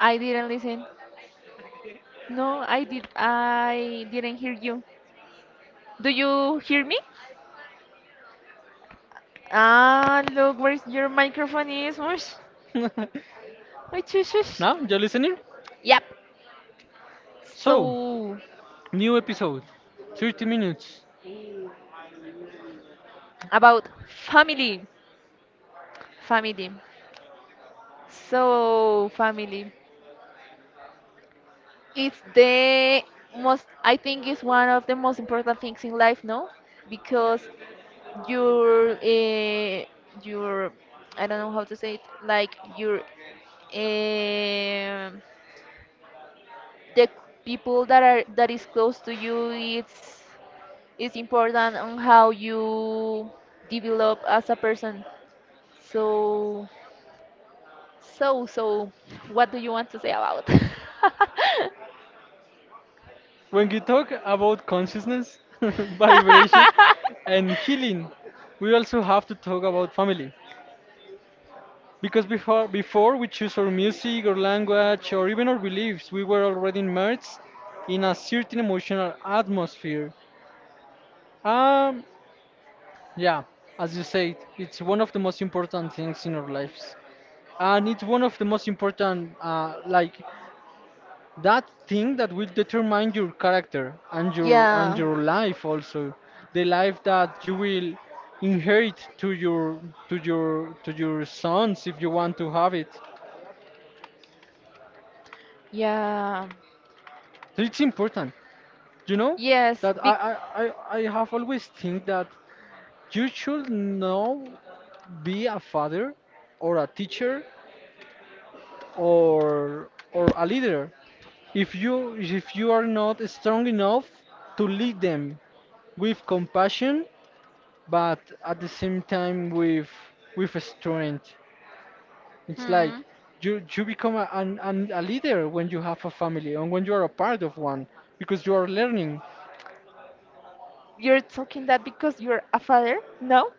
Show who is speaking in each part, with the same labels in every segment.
Speaker 1: I didn't listen. No, I did. I didn't hear you. Do you hear me? Ah, look where your microphone is. Whoosh. Whoosh, whoosh, whoosh.
Speaker 2: Now, you're listening?
Speaker 1: Yep.
Speaker 2: So,
Speaker 1: So
Speaker 2: new episode, 30 minutes.
Speaker 1: about family, family. So family. It's the most. I think it's one of the most important things in life. No, because your uh, your I don't know how to say it. Like your um the people that is close to you it's important on how you develop as a person so so what do you want to say about
Speaker 2: When we talk about consciousness, vibration, and healing, we also have to talk about family. Because before we choose our music, or language, or even our beliefs, we were already immersed in a certain emotional atmosphere. Um, yeah, as you said, it's one of the most important things in our lives, and it's one of the most important that thing that will determine your character and
Speaker 1: yeah
Speaker 2: your life. Also the life that you will inherit to your to your sons, if you want to have it.
Speaker 1: yeah
Speaker 2: So it's important, you know
Speaker 1: yes
Speaker 2: that
Speaker 1: big
Speaker 2: i i I have always think that you should know, be a father or a teacher or a leader. If you are not strong enough to lead them with compassion, but at the same time with strength. It's like
Speaker 1: hmm.
Speaker 2: you become a leader when you have a family and when you are a part of one, because you are learning.
Speaker 1: You're talking that because you're a father, no?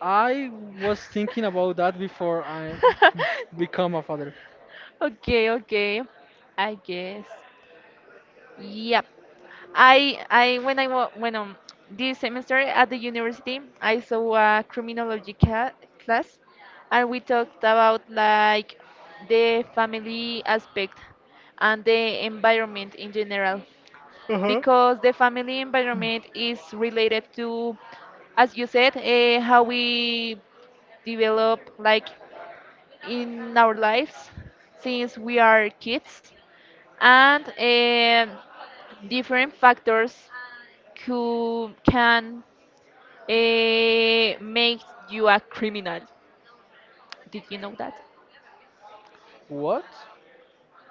Speaker 2: I was thinking about that before I become a father.
Speaker 1: Okay, okay, I guess. Yep. I when this semester at the university I saw a class, and we talked about like the family aspect and the environment in general
Speaker 2: Uh-huh.
Speaker 1: because the family environment is related to, as you said, how we develop like in our lives since we are kids and different factors who can, uh, make you a criminal. Did you know that?
Speaker 2: What?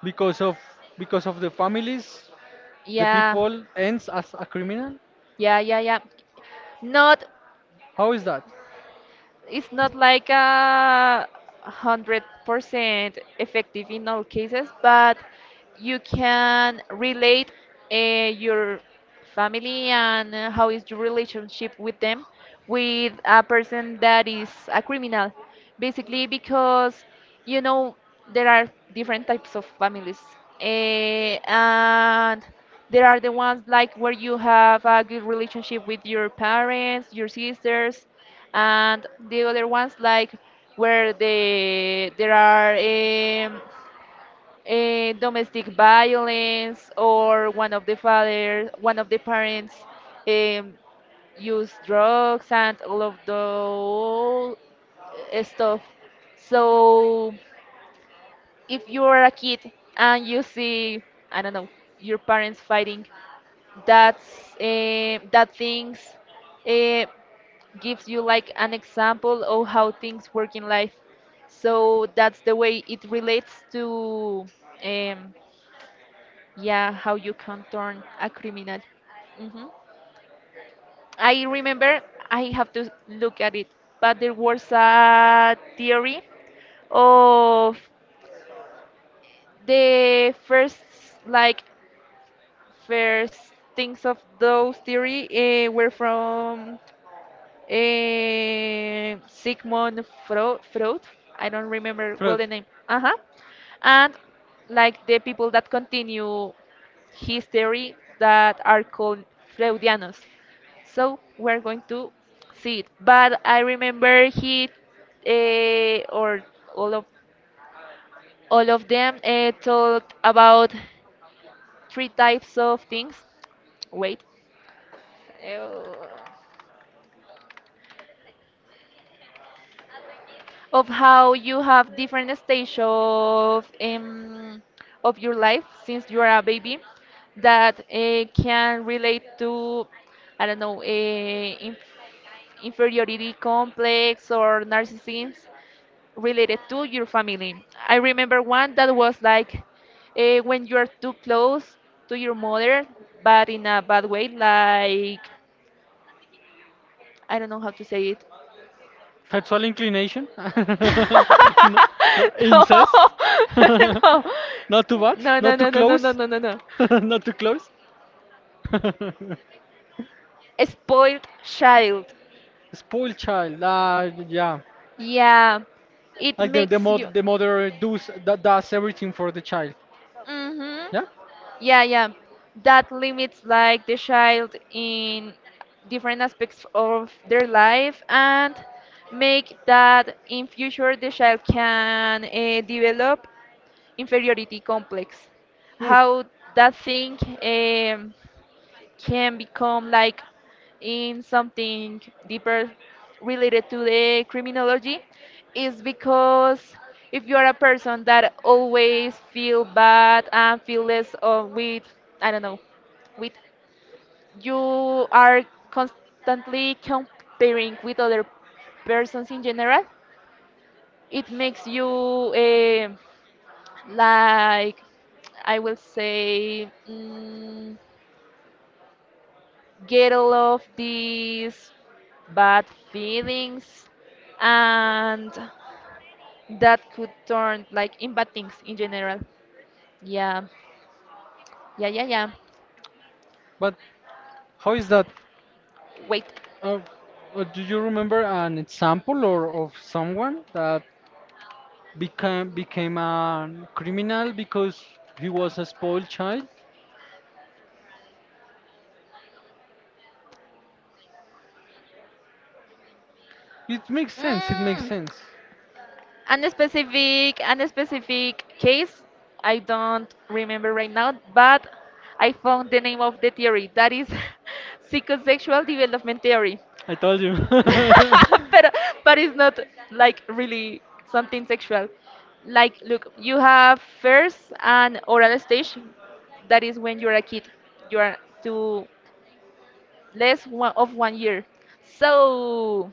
Speaker 2: Because of because of the families, the
Speaker 1: Yeah,
Speaker 2: people ends as a criminal?
Speaker 1: yeah, yeah, yeah. Not,
Speaker 2: How is that?
Speaker 1: it's not like 100% effective in all cases, but you can relate, your family and, how is your relationship with them with a person that is a criminal, basically because you know there are different types of families, and there are the ones like where you have a good relationship with your parents, your sisters, and the other ones like where there are, domestic violence or one of the parents, um, use drugs and all of the stuff. So if you are a kid and you see, I don't know, your parents fighting, that things, eh, gives you like an example of how things work in life. So that's the way it relates to, um, yeah, how you can turn a criminal. Hmm. I remember, I have to look at it, but there was a theory of the first, like, first things of those theory, were from, Sigmund Fro Freud. I don't remember well
Speaker 2: Fruit.
Speaker 1: the name. Uh huh. And like the people that continue his theory that are called Freudianos. So we're going to see it. But I remember he, or all of all of them, talked about three types of things. Wait. Uh, of how you have different stage of, of your life since you are a baby that, can relate to, I don't know, inferiority complex or narcissism related to your family. I remember one that was like, when you are too close to your mother, but in a bad way, like I don't know how to say it.
Speaker 2: Sexual inclination? No, no,
Speaker 1: No,
Speaker 2: incest? Not too much?
Speaker 1: no, no,
Speaker 2: Not too
Speaker 1: no, no, no, no, no,
Speaker 2: close?
Speaker 1: no, no, no.
Speaker 2: Not too close?
Speaker 1: A spoiled child.
Speaker 2: Spoiled child. Ah, yeah.
Speaker 1: Yeah, it
Speaker 2: Like the
Speaker 1: makes you.
Speaker 2: mother, the mother does that, does everything for the child.
Speaker 1: Mm-hmm.
Speaker 2: Yeah.
Speaker 1: Yeah, yeah. That limits like the child in different aspects of their life and make that in future the child can, develop inferiority complex.
Speaker 2: Mm.
Speaker 1: How that thing, can become like in something deeper related to the criminology is because if you are a person that always feel bad and feel less of with, I don't know, with you are constantly comparing with other persons in general, it makes you, like, I will say, mm, get all of these bad feelings and that could turn like in bad things in general. Yeah. Yeah, yeah, yeah.
Speaker 2: But how is that?
Speaker 1: Wait.
Speaker 2: Uh, do you remember an example or of someone that became a criminal because he was a spoiled child? It makes sense. It makes
Speaker 1: Mm.
Speaker 2: sense.
Speaker 1: And a specific case I don't remember right now, but I found the name of the theory, that is psychosexual development theory.
Speaker 2: I told you.
Speaker 1: but but it's not like really something sexual. Like, look, you have first an oral stage, that is when you're a kid, you are to less one of 1 year. So,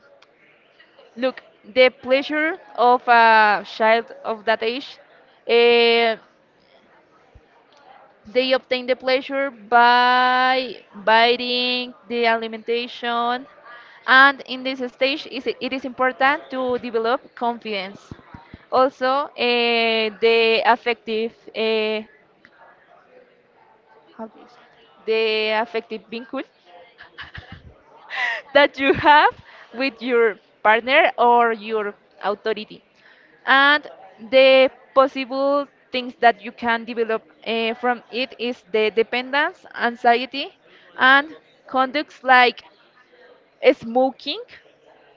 Speaker 1: look, the pleasure of a child of that age. uh, They obtain the pleasure by biting, the alimentation, and in this stage is it is important to develop confidence. Also, the affective, how do you say that? The affective vincul that you have with your partner or your authority. And the possible things that you can develop, from it is the dependence, anxiety, and conducts like smoking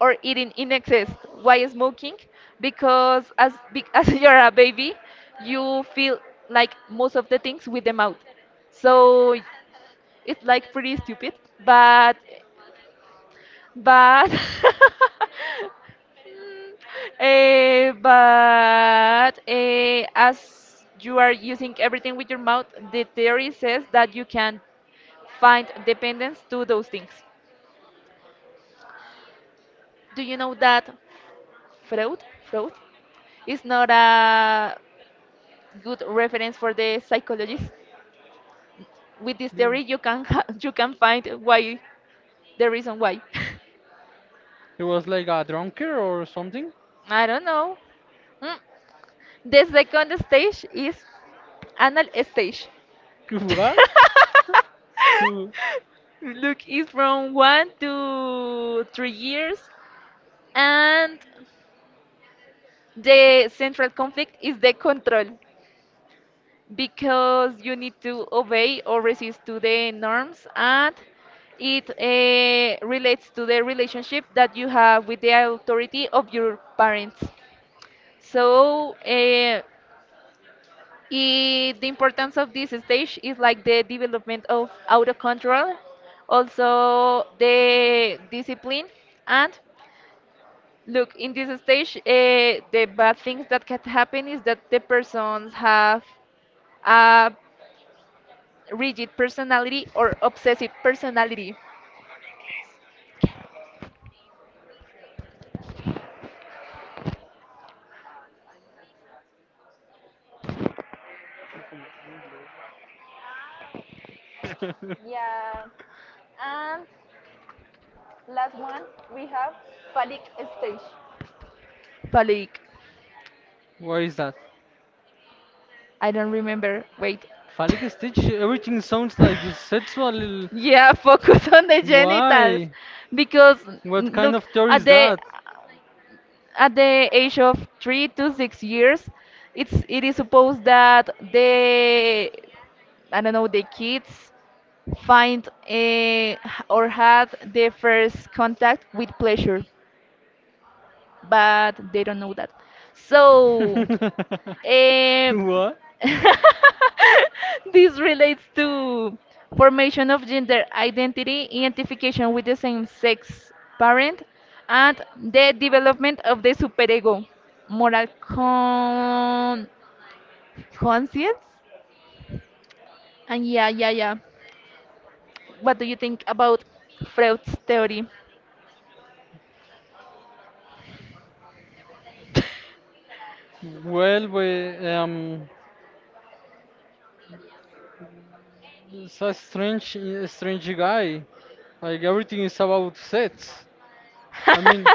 Speaker 1: or eating in excess. Why smoking? Because as big as you're a baby, you feel like most of the things with the mouth. So it's like pretty stupid, but but as you are using everything with your mouth, the theory says that you can find dependence to those things. Do you know that Freud, Freud is not a good reference for the psychologist? With this
Speaker 2: He
Speaker 1: theory, you can ha you can find why the reason why.
Speaker 2: he was like a drunker or something?
Speaker 1: I don't know. Mm. The second stage is anal stage.
Speaker 2: What? Who-
Speaker 1: Look, it's from 1 to 3 years, and the central conflict is the control because you need to obey or resist to the norms, and it, relates to the relationship that you have with the authority of your parents. So, the importance of this stage is like the development of auto control, also the discipline, and look, in this stage, the bad things that can happen is that the persons have a rigid personality or obsessive personality. Yeah. And last one, we have phallic stage. Palik,
Speaker 2: What is that?
Speaker 1: I don't remember. Wait.
Speaker 2: Phallic stitch? Everything sounds like sexual.
Speaker 1: Yeah, focus on the genitals
Speaker 2: Why?
Speaker 1: because
Speaker 2: What
Speaker 1: mm,
Speaker 2: kind
Speaker 1: look
Speaker 2: of theory
Speaker 1: at
Speaker 2: is that?
Speaker 1: the age of 3 to 6 years, it is supposed that the, I don't know, the kids find, eh, h- or had their first contact with pleasure, but they don't know that. So, um,
Speaker 2: What?
Speaker 1: this relates to formation of gender identity, identification with the same sex parent, and the development of the superego, moral con- conscience. And yeah, yeah, yeah. What do you think about Freud's theory?
Speaker 2: Well, we it's a strange guy. Like everything is about sets. I mean,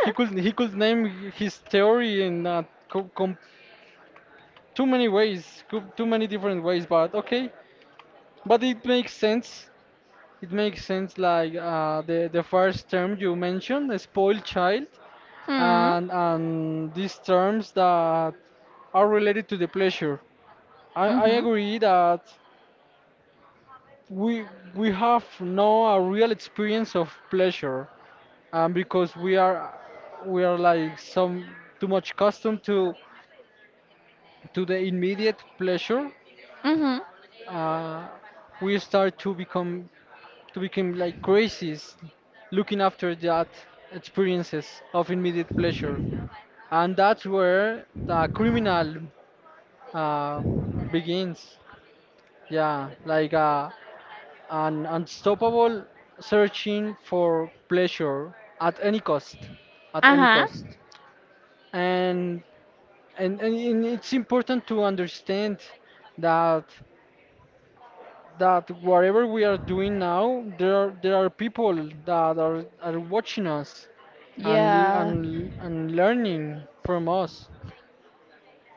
Speaker 2: he could name his theory in too many ways, too many different ways. But okay, but it makes sense. It makes sense. Like the first term you mentioned, the spoiled child,
Speaker 1: Hmm.
Speaker 2: and these terms that are related to the pleasure. I
Speaker 1: Mm-hmm.
Speaker 2: agree that we we have no a real experience of pleasure, because we are like some too much accustomed to the immediate pleasure.
Speaker 1: Mm-hmm.
Speaker 2: uh, we start to become like crazies looking after that experiences of immediate pleasure, and that's where the criminal uh, begins. Yeah, like an unstoppable searching for pleasure at any cost, at any
Speaker 1: Uh-huh.
Speaker 2: cost. And it's important to understand that that whatever we are doing now, there are people that are watching us and
Speaker 1: Yeah.
Speaker 2: learning from us.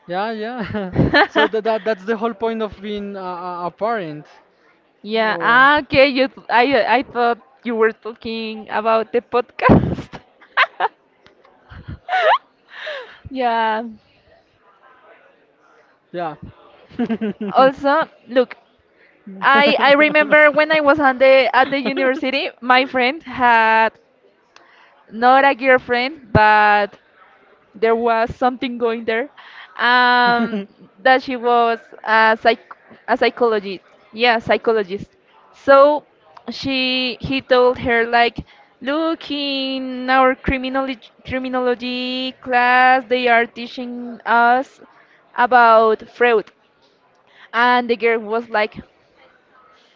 Speaker 2: Yeah, yeah. So that's the whole point of being a parent.
Speaker 1: Yeah.
Speaker 2: Oh.
Speaker 1: Ah, okay. I thought you were talking about the podcast. Yeah.
Speaker 2: Yeah.
Speaker 1: Also, look, I remember when I was on the at the university, my friend had not a girlfriend, but there was something going there, um that she was a psychologist, yeah, psychologist. So she he told her like, look, in our criminology class they are teaching us about Freud. And the girl was like,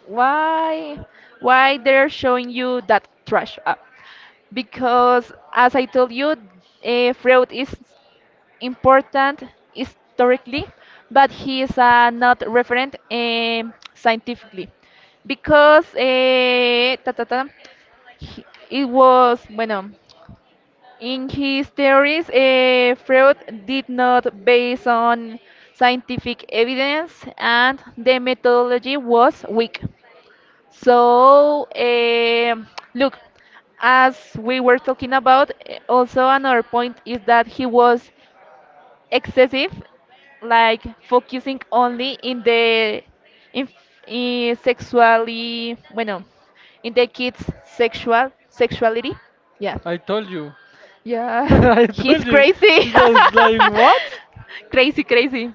Speaker 1: why why they're showing you that trash up? Because as I told you, Freud is important historically, but he is, not referent, scientifically, because it was bueno. In his theories, Freud did not base on scientific evidence, and the methodology was weak. So, look, as we were talking about, also another point is that he was excessive, like focusing only in the, in, in sexually, bueno, in the kids' sexuality. Yeah,
Speaker 2: I told you.
Speaker 1: yeah,
Speaker 2: I
Speaker 1: he's
Speaker 2: told you.
Speaker 1: crazy,
Speaker 2: It's like what?
Speaker 1: crazy, crazy.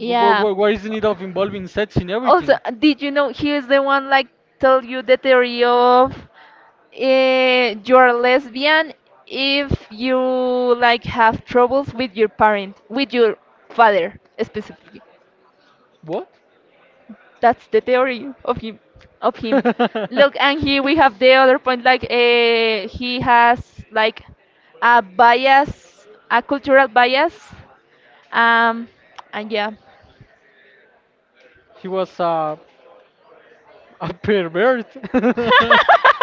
Speaker 2: What is the need of involving sex in
Speaker 1: Also,
Speaker 2: everything?
Speaker 1: did you know he is the one like tell you the theory of, you're lesbian if you like have troubles with your father specifically.
Speaker 2: What?
Speaker 1: That's the theory of him. Of him. Look, and here we have the other point. Like, he has like a bias, a cultural bias. Um, and yeah,
Speaker 2: He was a pervert.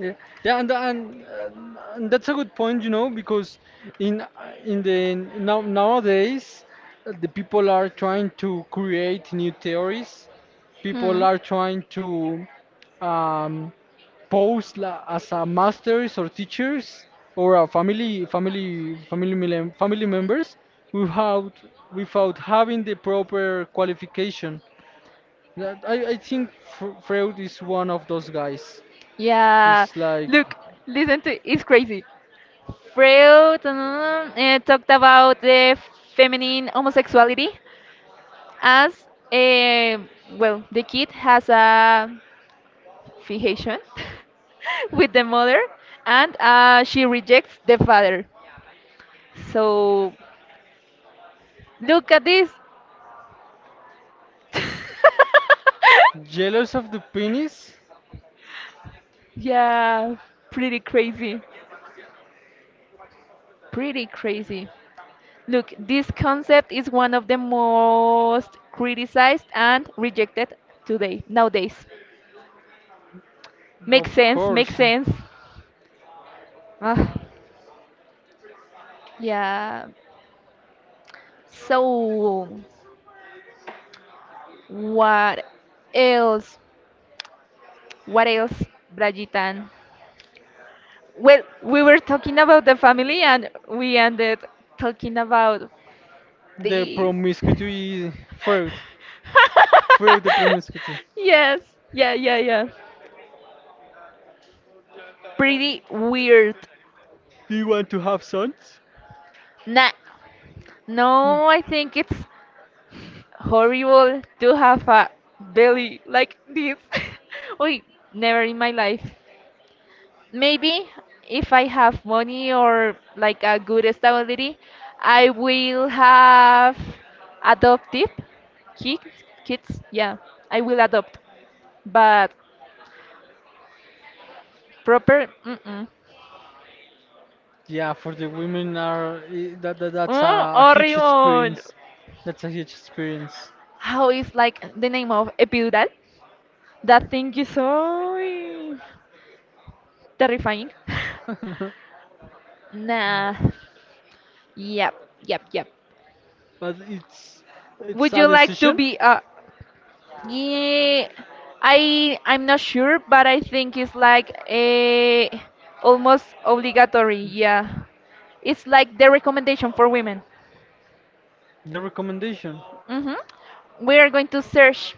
Speaker 2: Yeah, yeah, and and, uh, and that's a good point, you know, because in in the nowadays the people are trying to create new theories. People
Speaker 1: hmm,
Speaker 2: are trying to um, pose la, as a masters or teachers or a family members without without having the proper qualification. That- I think Freud is one of those guys.
Speaker 1: yeah.
Speaker 2: It's like.
Speaker 1: Look, listen to, it's crazy. Freud, talked about the feminine homosexuality as a, well, the kid has a fication with the mother and, she rejects the father. So look at this.
Speaker 2: Jealous of the penis?
Speaker 1: Yeah, pretty crazy. Pretty crazy. Look, this concept is one of the most criticized and rejected today, nowadays. Makes
Speaker 2: Of
Speaker 1: sense, makes
Speaker 2: course.
Speaker 1: sense. Ah, yeah. So, what else? What else, Brayitan? Well, we were talking about the family and we ended talking about
Speaker 2: The
Speaker 1: this.
Speaker 2: promiscuity fruit. Fruit the promiscuity.
Speaker 1: Yes, yeah, yeah, yeah. Pretty weird.
Speaker 2: Do you want to have sons?
Speaker 1: Nah, no, I think it's horrible to have a belly like this. Wait, never in my life. Maybe if I have money or like a good stability, I will have adoptive kids. Kids, yeah, I will adopt. But proper, mm-mm.
Speaker 2: Yeah, for the women are that's
Speaker 1: Oh,
Speaker 2: a huge
Speaker 1: horrible!
Speaker 2: experience. That's a huge experience.
Speaker 1: How is like the name of epidural? That thing is so terrifying. Nah. Yep, yep, yep.
Speaker 2: But it's
Speaker 1: Would you
Speaker 2: a
Speaker 1: like to
Speaker 2: decision,
Speaker 1: be a, yeah, I'm not sure, but I think it's like a almost obligatory. Yeah, it's like the recommendation for women.
Speaker 2: the recommendation.
Speaker 1: Hmm. We are going to search.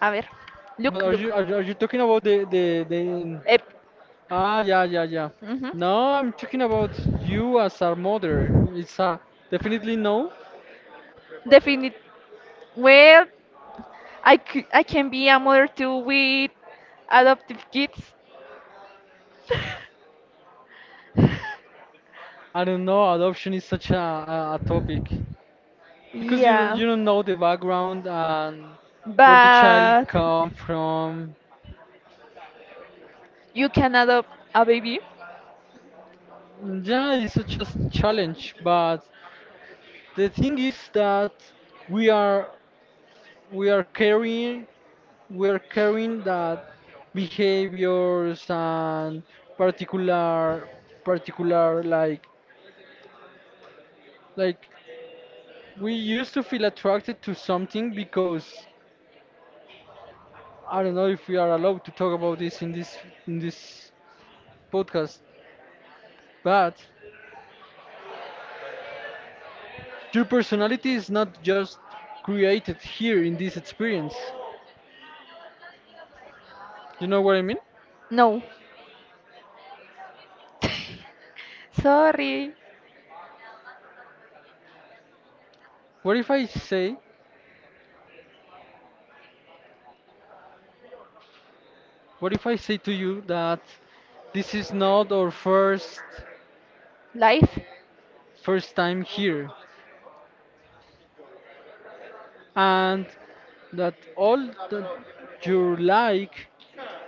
Speaker 1: A ver,
Speaker 2: But
Speaker 1: look,
Speaker 2: are
Speaker 1: look.
Speaker 2: you are you talking about the the
Speaker 1: Ep.
Speaker 2: Ah, yeah, yeah, yeah.
Speaker 1: Hmm.
Speaker 2: No, I'm talking about you as our mother. It's a definitely no.
Speaker 1: Definite. Well, I can be a mother too with adoptive kids.
Speaker 2: I don't know. Adoption is such a topic because you
Speaker 1: Yeah,
Speaker 2: you don't know the background and where the child
Speaker 1: but
Speaker 2: come from.
Speaker 1: you can adopt a baby.
Speaker 2: Yeah, it's such a challenge. But the thing is that we are we are carrying we are carrying that behaviors and particular particular like like we used to feel attracted to something because I don't know if we are allowed to talk about this in this in this podcast, but your personality is not just created here in this experience. You know what I mean?
Speaker 1: No, sorry,
Speaker 2: What if I say what if I say to you that this is not our first
Speaker 1: life.
Speaker 2: first time here, and that all that you like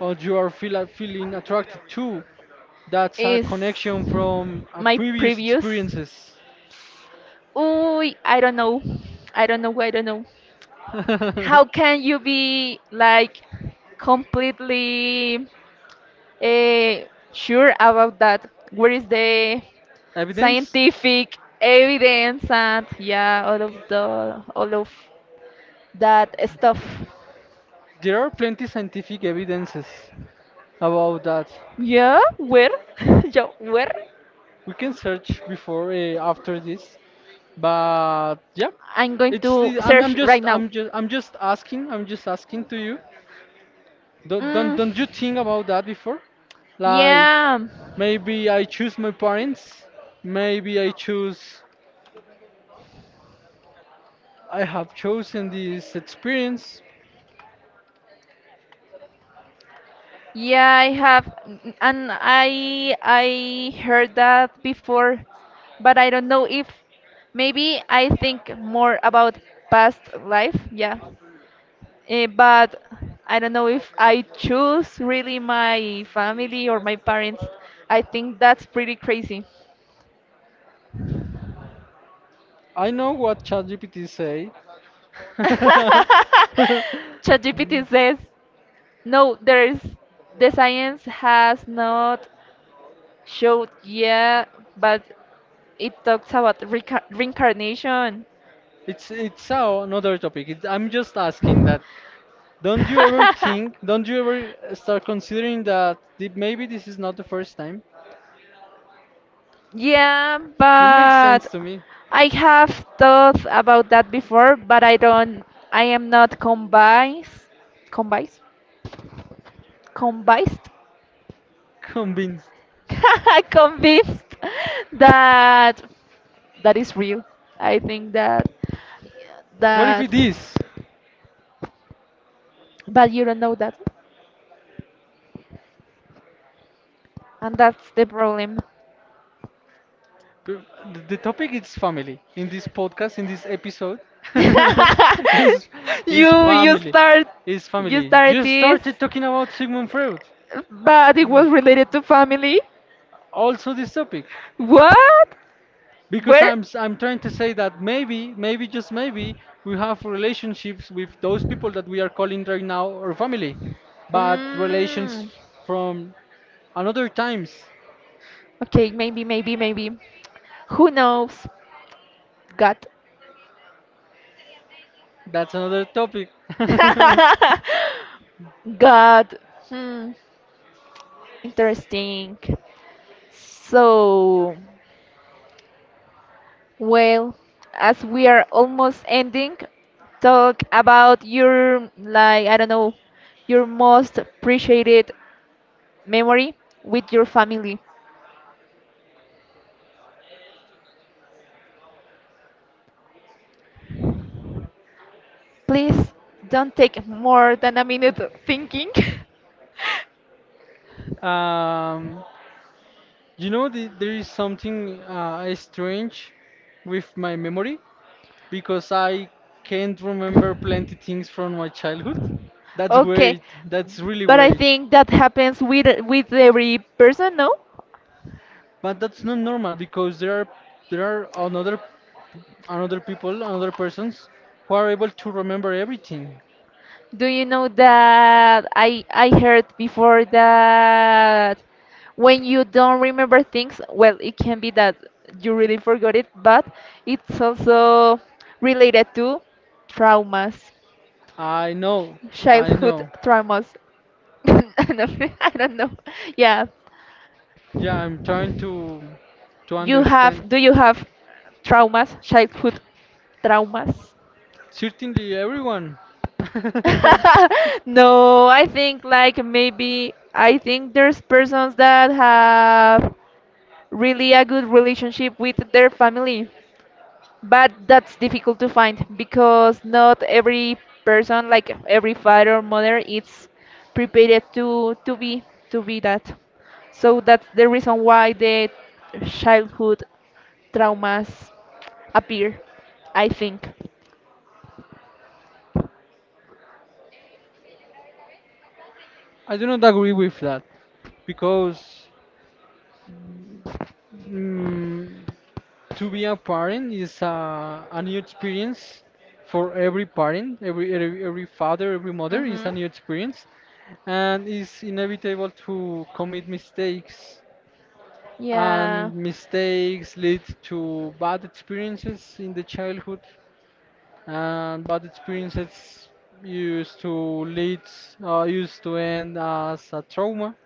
Speaker 2: or you are feeling attracted to, that's a
Speaker 1: Is
Speaker 2: connection from a
Speaker 1: my
Speaker 2: previous
Speaker 1: previous.
Speaker 2: experiences.
Speaker 1: Ooh, I don't know. I don't know. I don't know. How can you be like completely, uh, sure about that? Where is the
Speaker 2: Evidence?
Speaker 1: scientific evidence and yeah, all of the all of that stuff?
Speaker 2: There are plenty scientific evidences about that.
Speaker 1: Yeah, where? Yeah, where?
Speaker 2: We can search before after this, but yeah,
Speaker 1: I'm going
Speaker 2: it's
Speaker 1: to
Speaker 2: the-
Speaker 1: search right now.
Speaker 2: I'm just asking, I'm just asking to you.
Speaker 1: Mm,
Speaker 2: Don't you think about that before? Like
Speaker 1: yeah.
Speaker 2: maybe I choose my parents, maybe I choose, I have chosen this experience.
Speaker 1: Yeah, I have, and I heard that before, but I don't know if maybe I think more about past life. Yeah, but I don't know if I choose really my family or my parents. I think that's pretty crazy.
Speaker 2: I know what ChatGPT say.
Speaker 1: ChatGPT says no. There's the science has not showed yet, but it talks about reca reincarnation.
Speaker 2: It's a- another topic. It, I'm just asking that. Don't you ever think? Don't you ever start considering that the, maybe this is not the first time?
Speaker 1: Yeah,
Speaker 2: It makes sense
Speaker 1: but
Speaker 2: to me.
Speaker 1: I have thought about that before, but I am not convinced, convinced,
Speaker 2: Convinced.
Speaker 1: convinced that is real. I think
Speaker 2: What if
Speaker 1: that,
Speaker 2: it is?
Speaker 1: but you don't know that, and that's the problem.
Speaker 2: The the topic is family. In this podcast, in this episode, is is
Speaker 1: You you
Speaker 2: family.
Speaker 1: start you
Speaker 2: Family.
Speaker 1: start
Speaker 2: You
Speaker 1: this.
Speaker 2: started talking about Sigmund Freud.
Speaker 1: But it was related to family.
Speaker 2: Also this topic.
Speaker 1: What?
Speaker 2: Because
Speaker 1: Where?
Speaker 2: I'm trying to say that maybe, maybe just maybe we have relationships with those people that we are calling right now our family. But
Speaker 1: Mm,
Speaker 2: relations from another times.
Speaker 1: okay, maybe, maybe, maybe. Who knows? God.
Speaker 2: That's another topic.
Speaker 1: God. Hmm. Interesting. So. Well, as we are almost ending, talk about your, like, I don't know, your most appreciated memory with your family. Please don't take more than a minute thinking.
Speaker 2: um You know, there is something strange with my memory because I can't remember plenty things from my childhood. That's
Speaker 1: Okay,
Speaker 2: weird. That's really
Speaker 1: but I
Speaker 2: weird.
Speaker 1: think that happens with every person, no?
Speaker 2: But that's not normal because there are another another people, another persons who are able to remember everything.
Speaker 1: Do you know that I heard before that when you don't remember things, well, it can be that you really forgot it, but it's also related to traumas,
Speaker 2: I know. I
Speaker 1: childhood
Speaker 2: know.
Speaker 1: traumas. I don't I don't know. Yeah.
Speaker 2: Yeah, I'm trying to understand.
Speaker 1: Do you have traumas, childhood traumas?
Speaker 2: Certainly, everyone.
Speaker 1: No, I think like maybe I think there's persons that have really a good relationship with their family, but that's difficult to find because not every person, like every father or mother, is prepared to be that. So that's the reason why the childhood traumas appear, I think.
Speaker 2: I do not agree with that because Mm, to be a parent is a new experience for every parent, every, every father, every mother is a
Speaker 1: Mhm.
Speaker 2: new experience, and it's inevitable to commit mistakes,
Speaker 1: Yeah,
Speaker 2: and mistakes lead to bad experiences in the childhood, and bad experiences used to lead used to end as a trauma.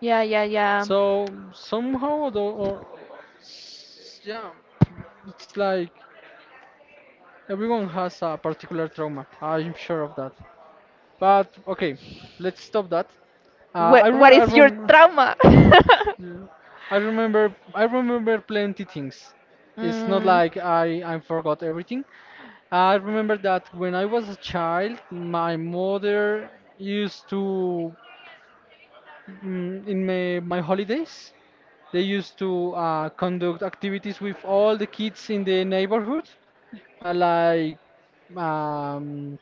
Speaker 1: yeah, yeah, yeah.
Speaker 2: So somehow though, or yeah, it's like everyone has a particular trauma. I'm sure of that. But okay, let's stop that.
Speaker 1: what
Speaker 2: I
Speaker 1: what
Speaker 2: re I
Speaker 1: is your
Speaker 2: rem
Speaker 1: trauma?
Speaker 2: Yeah. I remember plenty things. It's not
Speaker 1: Mm.
Speaker 2: like I forgot everything. I remember that when I was a child, my mother used to in my, my holidays, they used to conduct activities with all the kids in the neighborhood, uh, like um,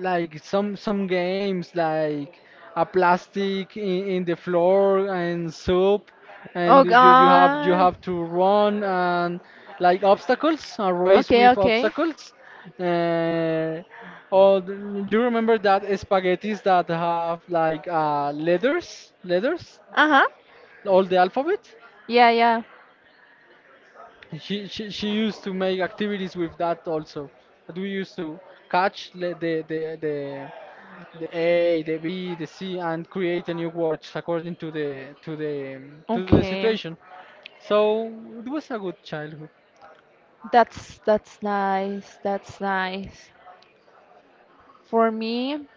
Speaker 2: like some games like a plastic in the floor and soup,
Speaker 1: Oh
Speaker 2: and you have you
Speaker 1: god.
Speaker 2: have to run and like obstacles, a race
Speaker 1: Okay,
Speaker 2: with
Speaker 1: okay.
Speaker 2: obstacles. uh, or do you remember that spaghettis that have like letters, letters
Speaker 1: Uh-huh.
Speaker 2: all the alphabet?
Speaker 1: Yeah, yeah.
Speaker 2: She used to make activities with that also. That we used to catch the A, the B, the C, and create a new words according to the to the
Speaker 1: Okay.
Speaker 2: situation. So it was a good childhood.
Speaker 1: That's nice. That's nice. For me,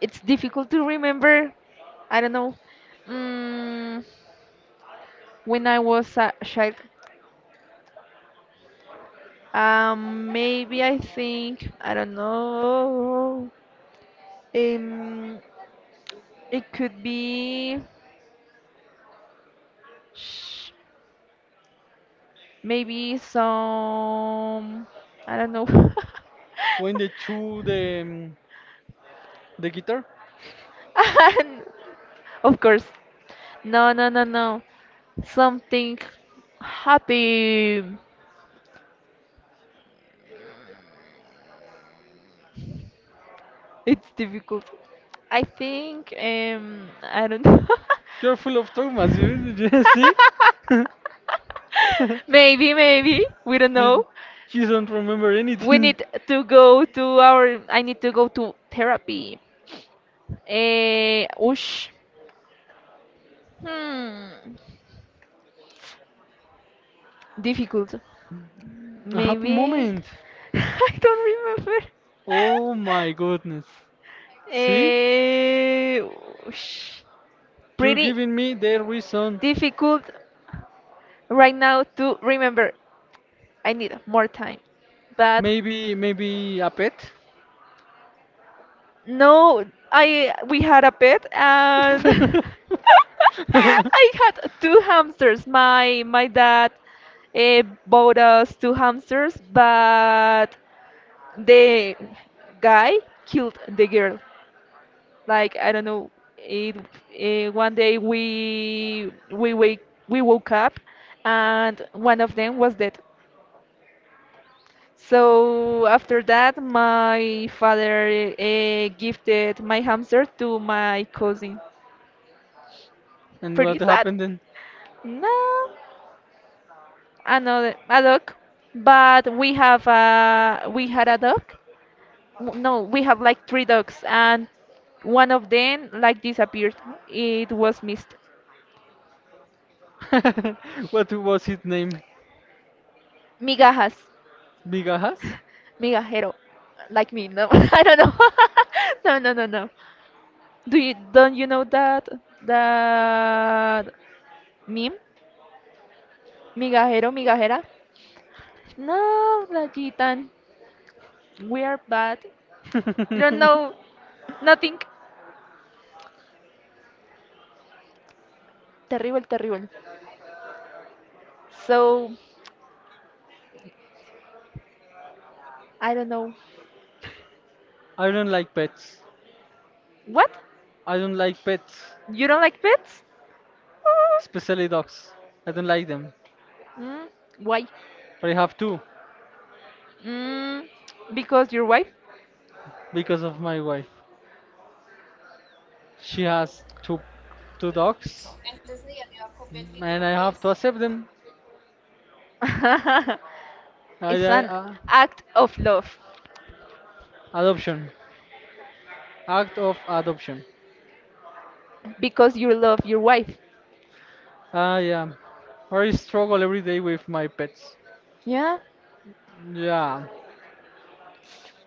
Speaker 1: it's difficult to remember. I don't know. Mm, when I was a child, maybe I don't know. Um, it could be sh- maybe some. I don't know.
Speaker 2: When they threw the guitar,
Speaker 1: And— Of course. No, no, no, no. Something happy. It's difficult. I think I don't know.
Speaker 2: you're full of traumas. You see,
Speaker 1: Maybe we don't
Speaker 2: you,
Speaker 1: know.
Speaker 2: you don't remember
Speaker 1: We
Speaker 2: anything.
Speaker 1: need to go to our. I need to go to therapy. Eh, oosh. Hmm. Difficult.
Speaker 2: A happy
Speaker 1: Maybe
Speaker 2: moment.
Speaker 1: I don't remember.
Speaker 2: Oh my goodness. See?
Speaker 1: Eh, oosh.
Speaker 2: You're
Speaker 1: Pretty
Speaker 2: giving me the reason.
Speaker 1: difficult right now to remember. I need more time. But
Speaker 2: Maybe, maybe a pet.
Speaker 1: no, I we had a pet, and I had two hamsters. My dad bought us two hamsters, but the guy killed the girl. Like I don't know. It one day we woke up and one of them was dead. So after that, my father gifted my hamster to my cousin.
Speaker 2: And what
Speaker 1: Pretty sad.
Speaker 2: happened then?
Speaker 1: No, another a dog, but we had a dog. W- No, we have like three dogs, and one of them like disappeared. It was missed.
Speaker 2: What was his name?
Speaker 1: Migajas,
Speaker 2: Bigahas?
Speaker 1: migajero, like me. No, I don't know. No, no, no, no. Do you Don't you know that that meme? Migajero, migajera. No, Rayitan. We are bad. You don't know nothing. Terrible, terrible. So, I don't know.
Speaker 2: I don't like pets.
Speaker 1: What?
Speaker 2: I don't like pets,
Speaker 1: You don't like pets?
Speaker 2: especially dogs. I don't like them.
Speaker 1: Mm, why?
Speaker 2: But I have two,
Speaker 1: Mm, because your wife?
Speaker 2: because of my wife. She has two dogs, and I have to accept them. I,
Speaker 1: It's
Speaker 2: I,
Speaker 1: an
Speaker 2: uh,
Speaker 1: act of love.
Speaker 2: adoption, act of adoption.
Speaker 1: Because you love your wife.
Speaker 2: Ah, yeah. Or I struggle every day with my pets.
Speaker 1: Yeah?
Speaker 2: Yeah,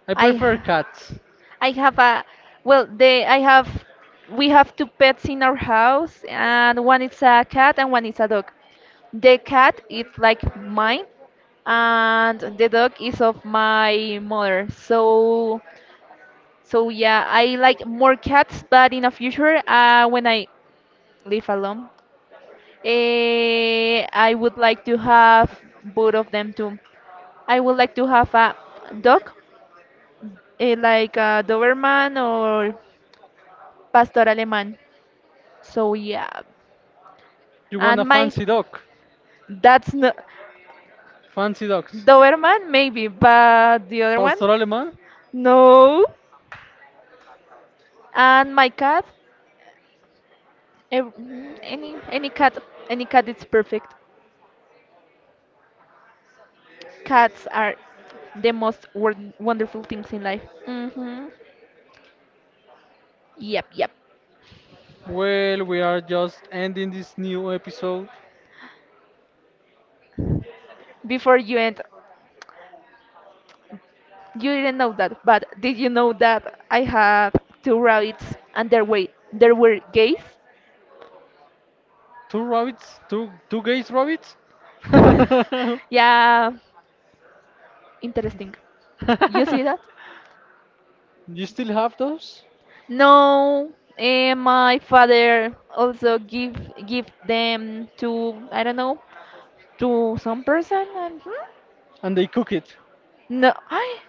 Speaker 2: I
Speaker 1: I.
Speaker 2: prefer cats.
Speaker 1: I have a— well they I have we have two pets in our house, and one is a cat and one is a dog. The cat is like mine, and the dog is of my mother. So, so yeah, I like more cats, but in the future, when I live alone, eh, I would like to have both of them too. I would like to have a dog, eh, like a Doberman or Pastor Alemán. So yeah,
Speaker 2: You want a
Speaker 1: and my
Speaker 2: fancy dog?
Speaker 1: that's not
Speaker 2: Fancy dogs.
Speaker 1: Doberman maybe, but the other one,
Speaker 2: Pastor Alemán?
Speaker 1: no. And my cat, mhm, any cat is perfect. Cats are the most wonderful things in life. Hmm. Yep, yep.
Speaker 2: Well, we are just ending this new episode.
Speaker 1: Before you end, you didn't know that, but did you know that I had two rabbits and there were gays?
Speaker 2: Two rabbits? Two two gays rabbits?
Speaker 1: Yeah, interesting. You see that?
Speaker 2: You still have those?
Speaker 1: No, eh, my father also give them to I don't know, to some person and. Hmm?
Speaker 2: And they cook it.
Speaker 1: No,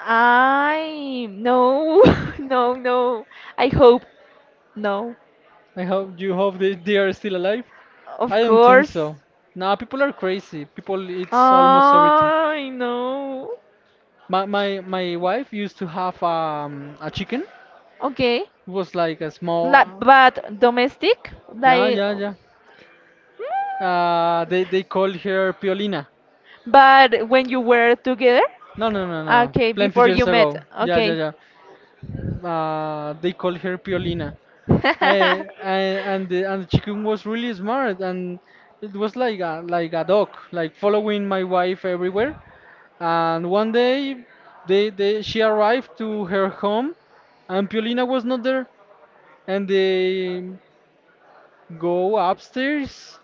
Speaker 1: I, no, no, no. I hope no.
Speaker 2: I hope you hope they are still alive.
Speaker 1: Of
Speaker 2: I don't think
Speaker 1: course.
Speaker 2: so. Nah, people are crazy. People eat almost everything.
Speaker 1: I know.
Speaker 2: My my wife used to have a chicken.
Speaker 1: Okay.
Speaker 2: It was like a
Speaker 1: La,
Speaker 2: small.
Speaker 1: but domestic,
Speaker 2: Yeah,
Speaker 1: like,
Speaker 2: yeah,
Speaker 1: mm,
Speaker 2: yeah. They called her Piolina.
Speaker 1: but when you were together,
Speaker 2: No, no, no, no.
Speaker 1: okay,
Speaker 2: Plenty
Speaker 1: before you
Speaker 2: years
Speaker 1: met,
Speaker 2: ago. Yeah,
Speaker 1: okay.
Speaker 2: yeah, yeah. They called her Piolina. I and the chicken was really smart, and it was like a dog, like following my wife everywhere. And one day they she arrived to her home, and Piolina was not there, and they go upstairs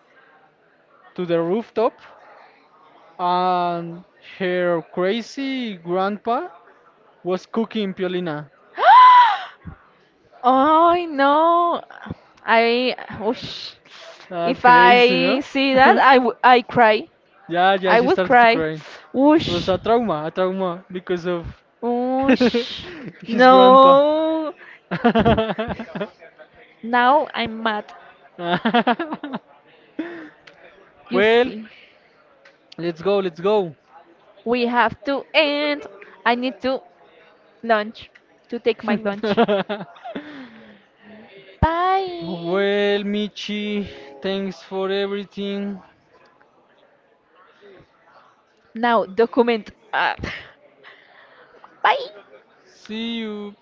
Speaker 2: to the rooftop, and her crazy grandpa was cooking Piolina.
Speaker 1: Oh no, I— oh, sh-
Speaker 2: That
Speaker 1: if
Speaker 2: crazy,
Speaker 1: I
Speaker 2: no?
Speaker 1: see that I I cry.
Speaker 2: Yeah, yeah,
Speaker 1: I
Speaker 2: she
Speaker 1: would
Speaker 2: started to
Speaker 1: cry.
Speaker 2: cry. It was
Speaker 1: Whoosh,
Speaker 2: a trauma, a trauma because of
Speaker 1: whoosh.
Speaker 2: his grandpa.
Speaker 1: No. Now I'm mad. You
Speaker 2: Well,
Speaker 1: see,
Speaker 2: let's go, let's go.
Speaker 1: we have to end. I need to lunch to take my lunch. Bye.
Speaker 2: Well, Michi, thanks for everything.
Speaker 1: Now document. Ah. Bye.
Speaker 2: See you.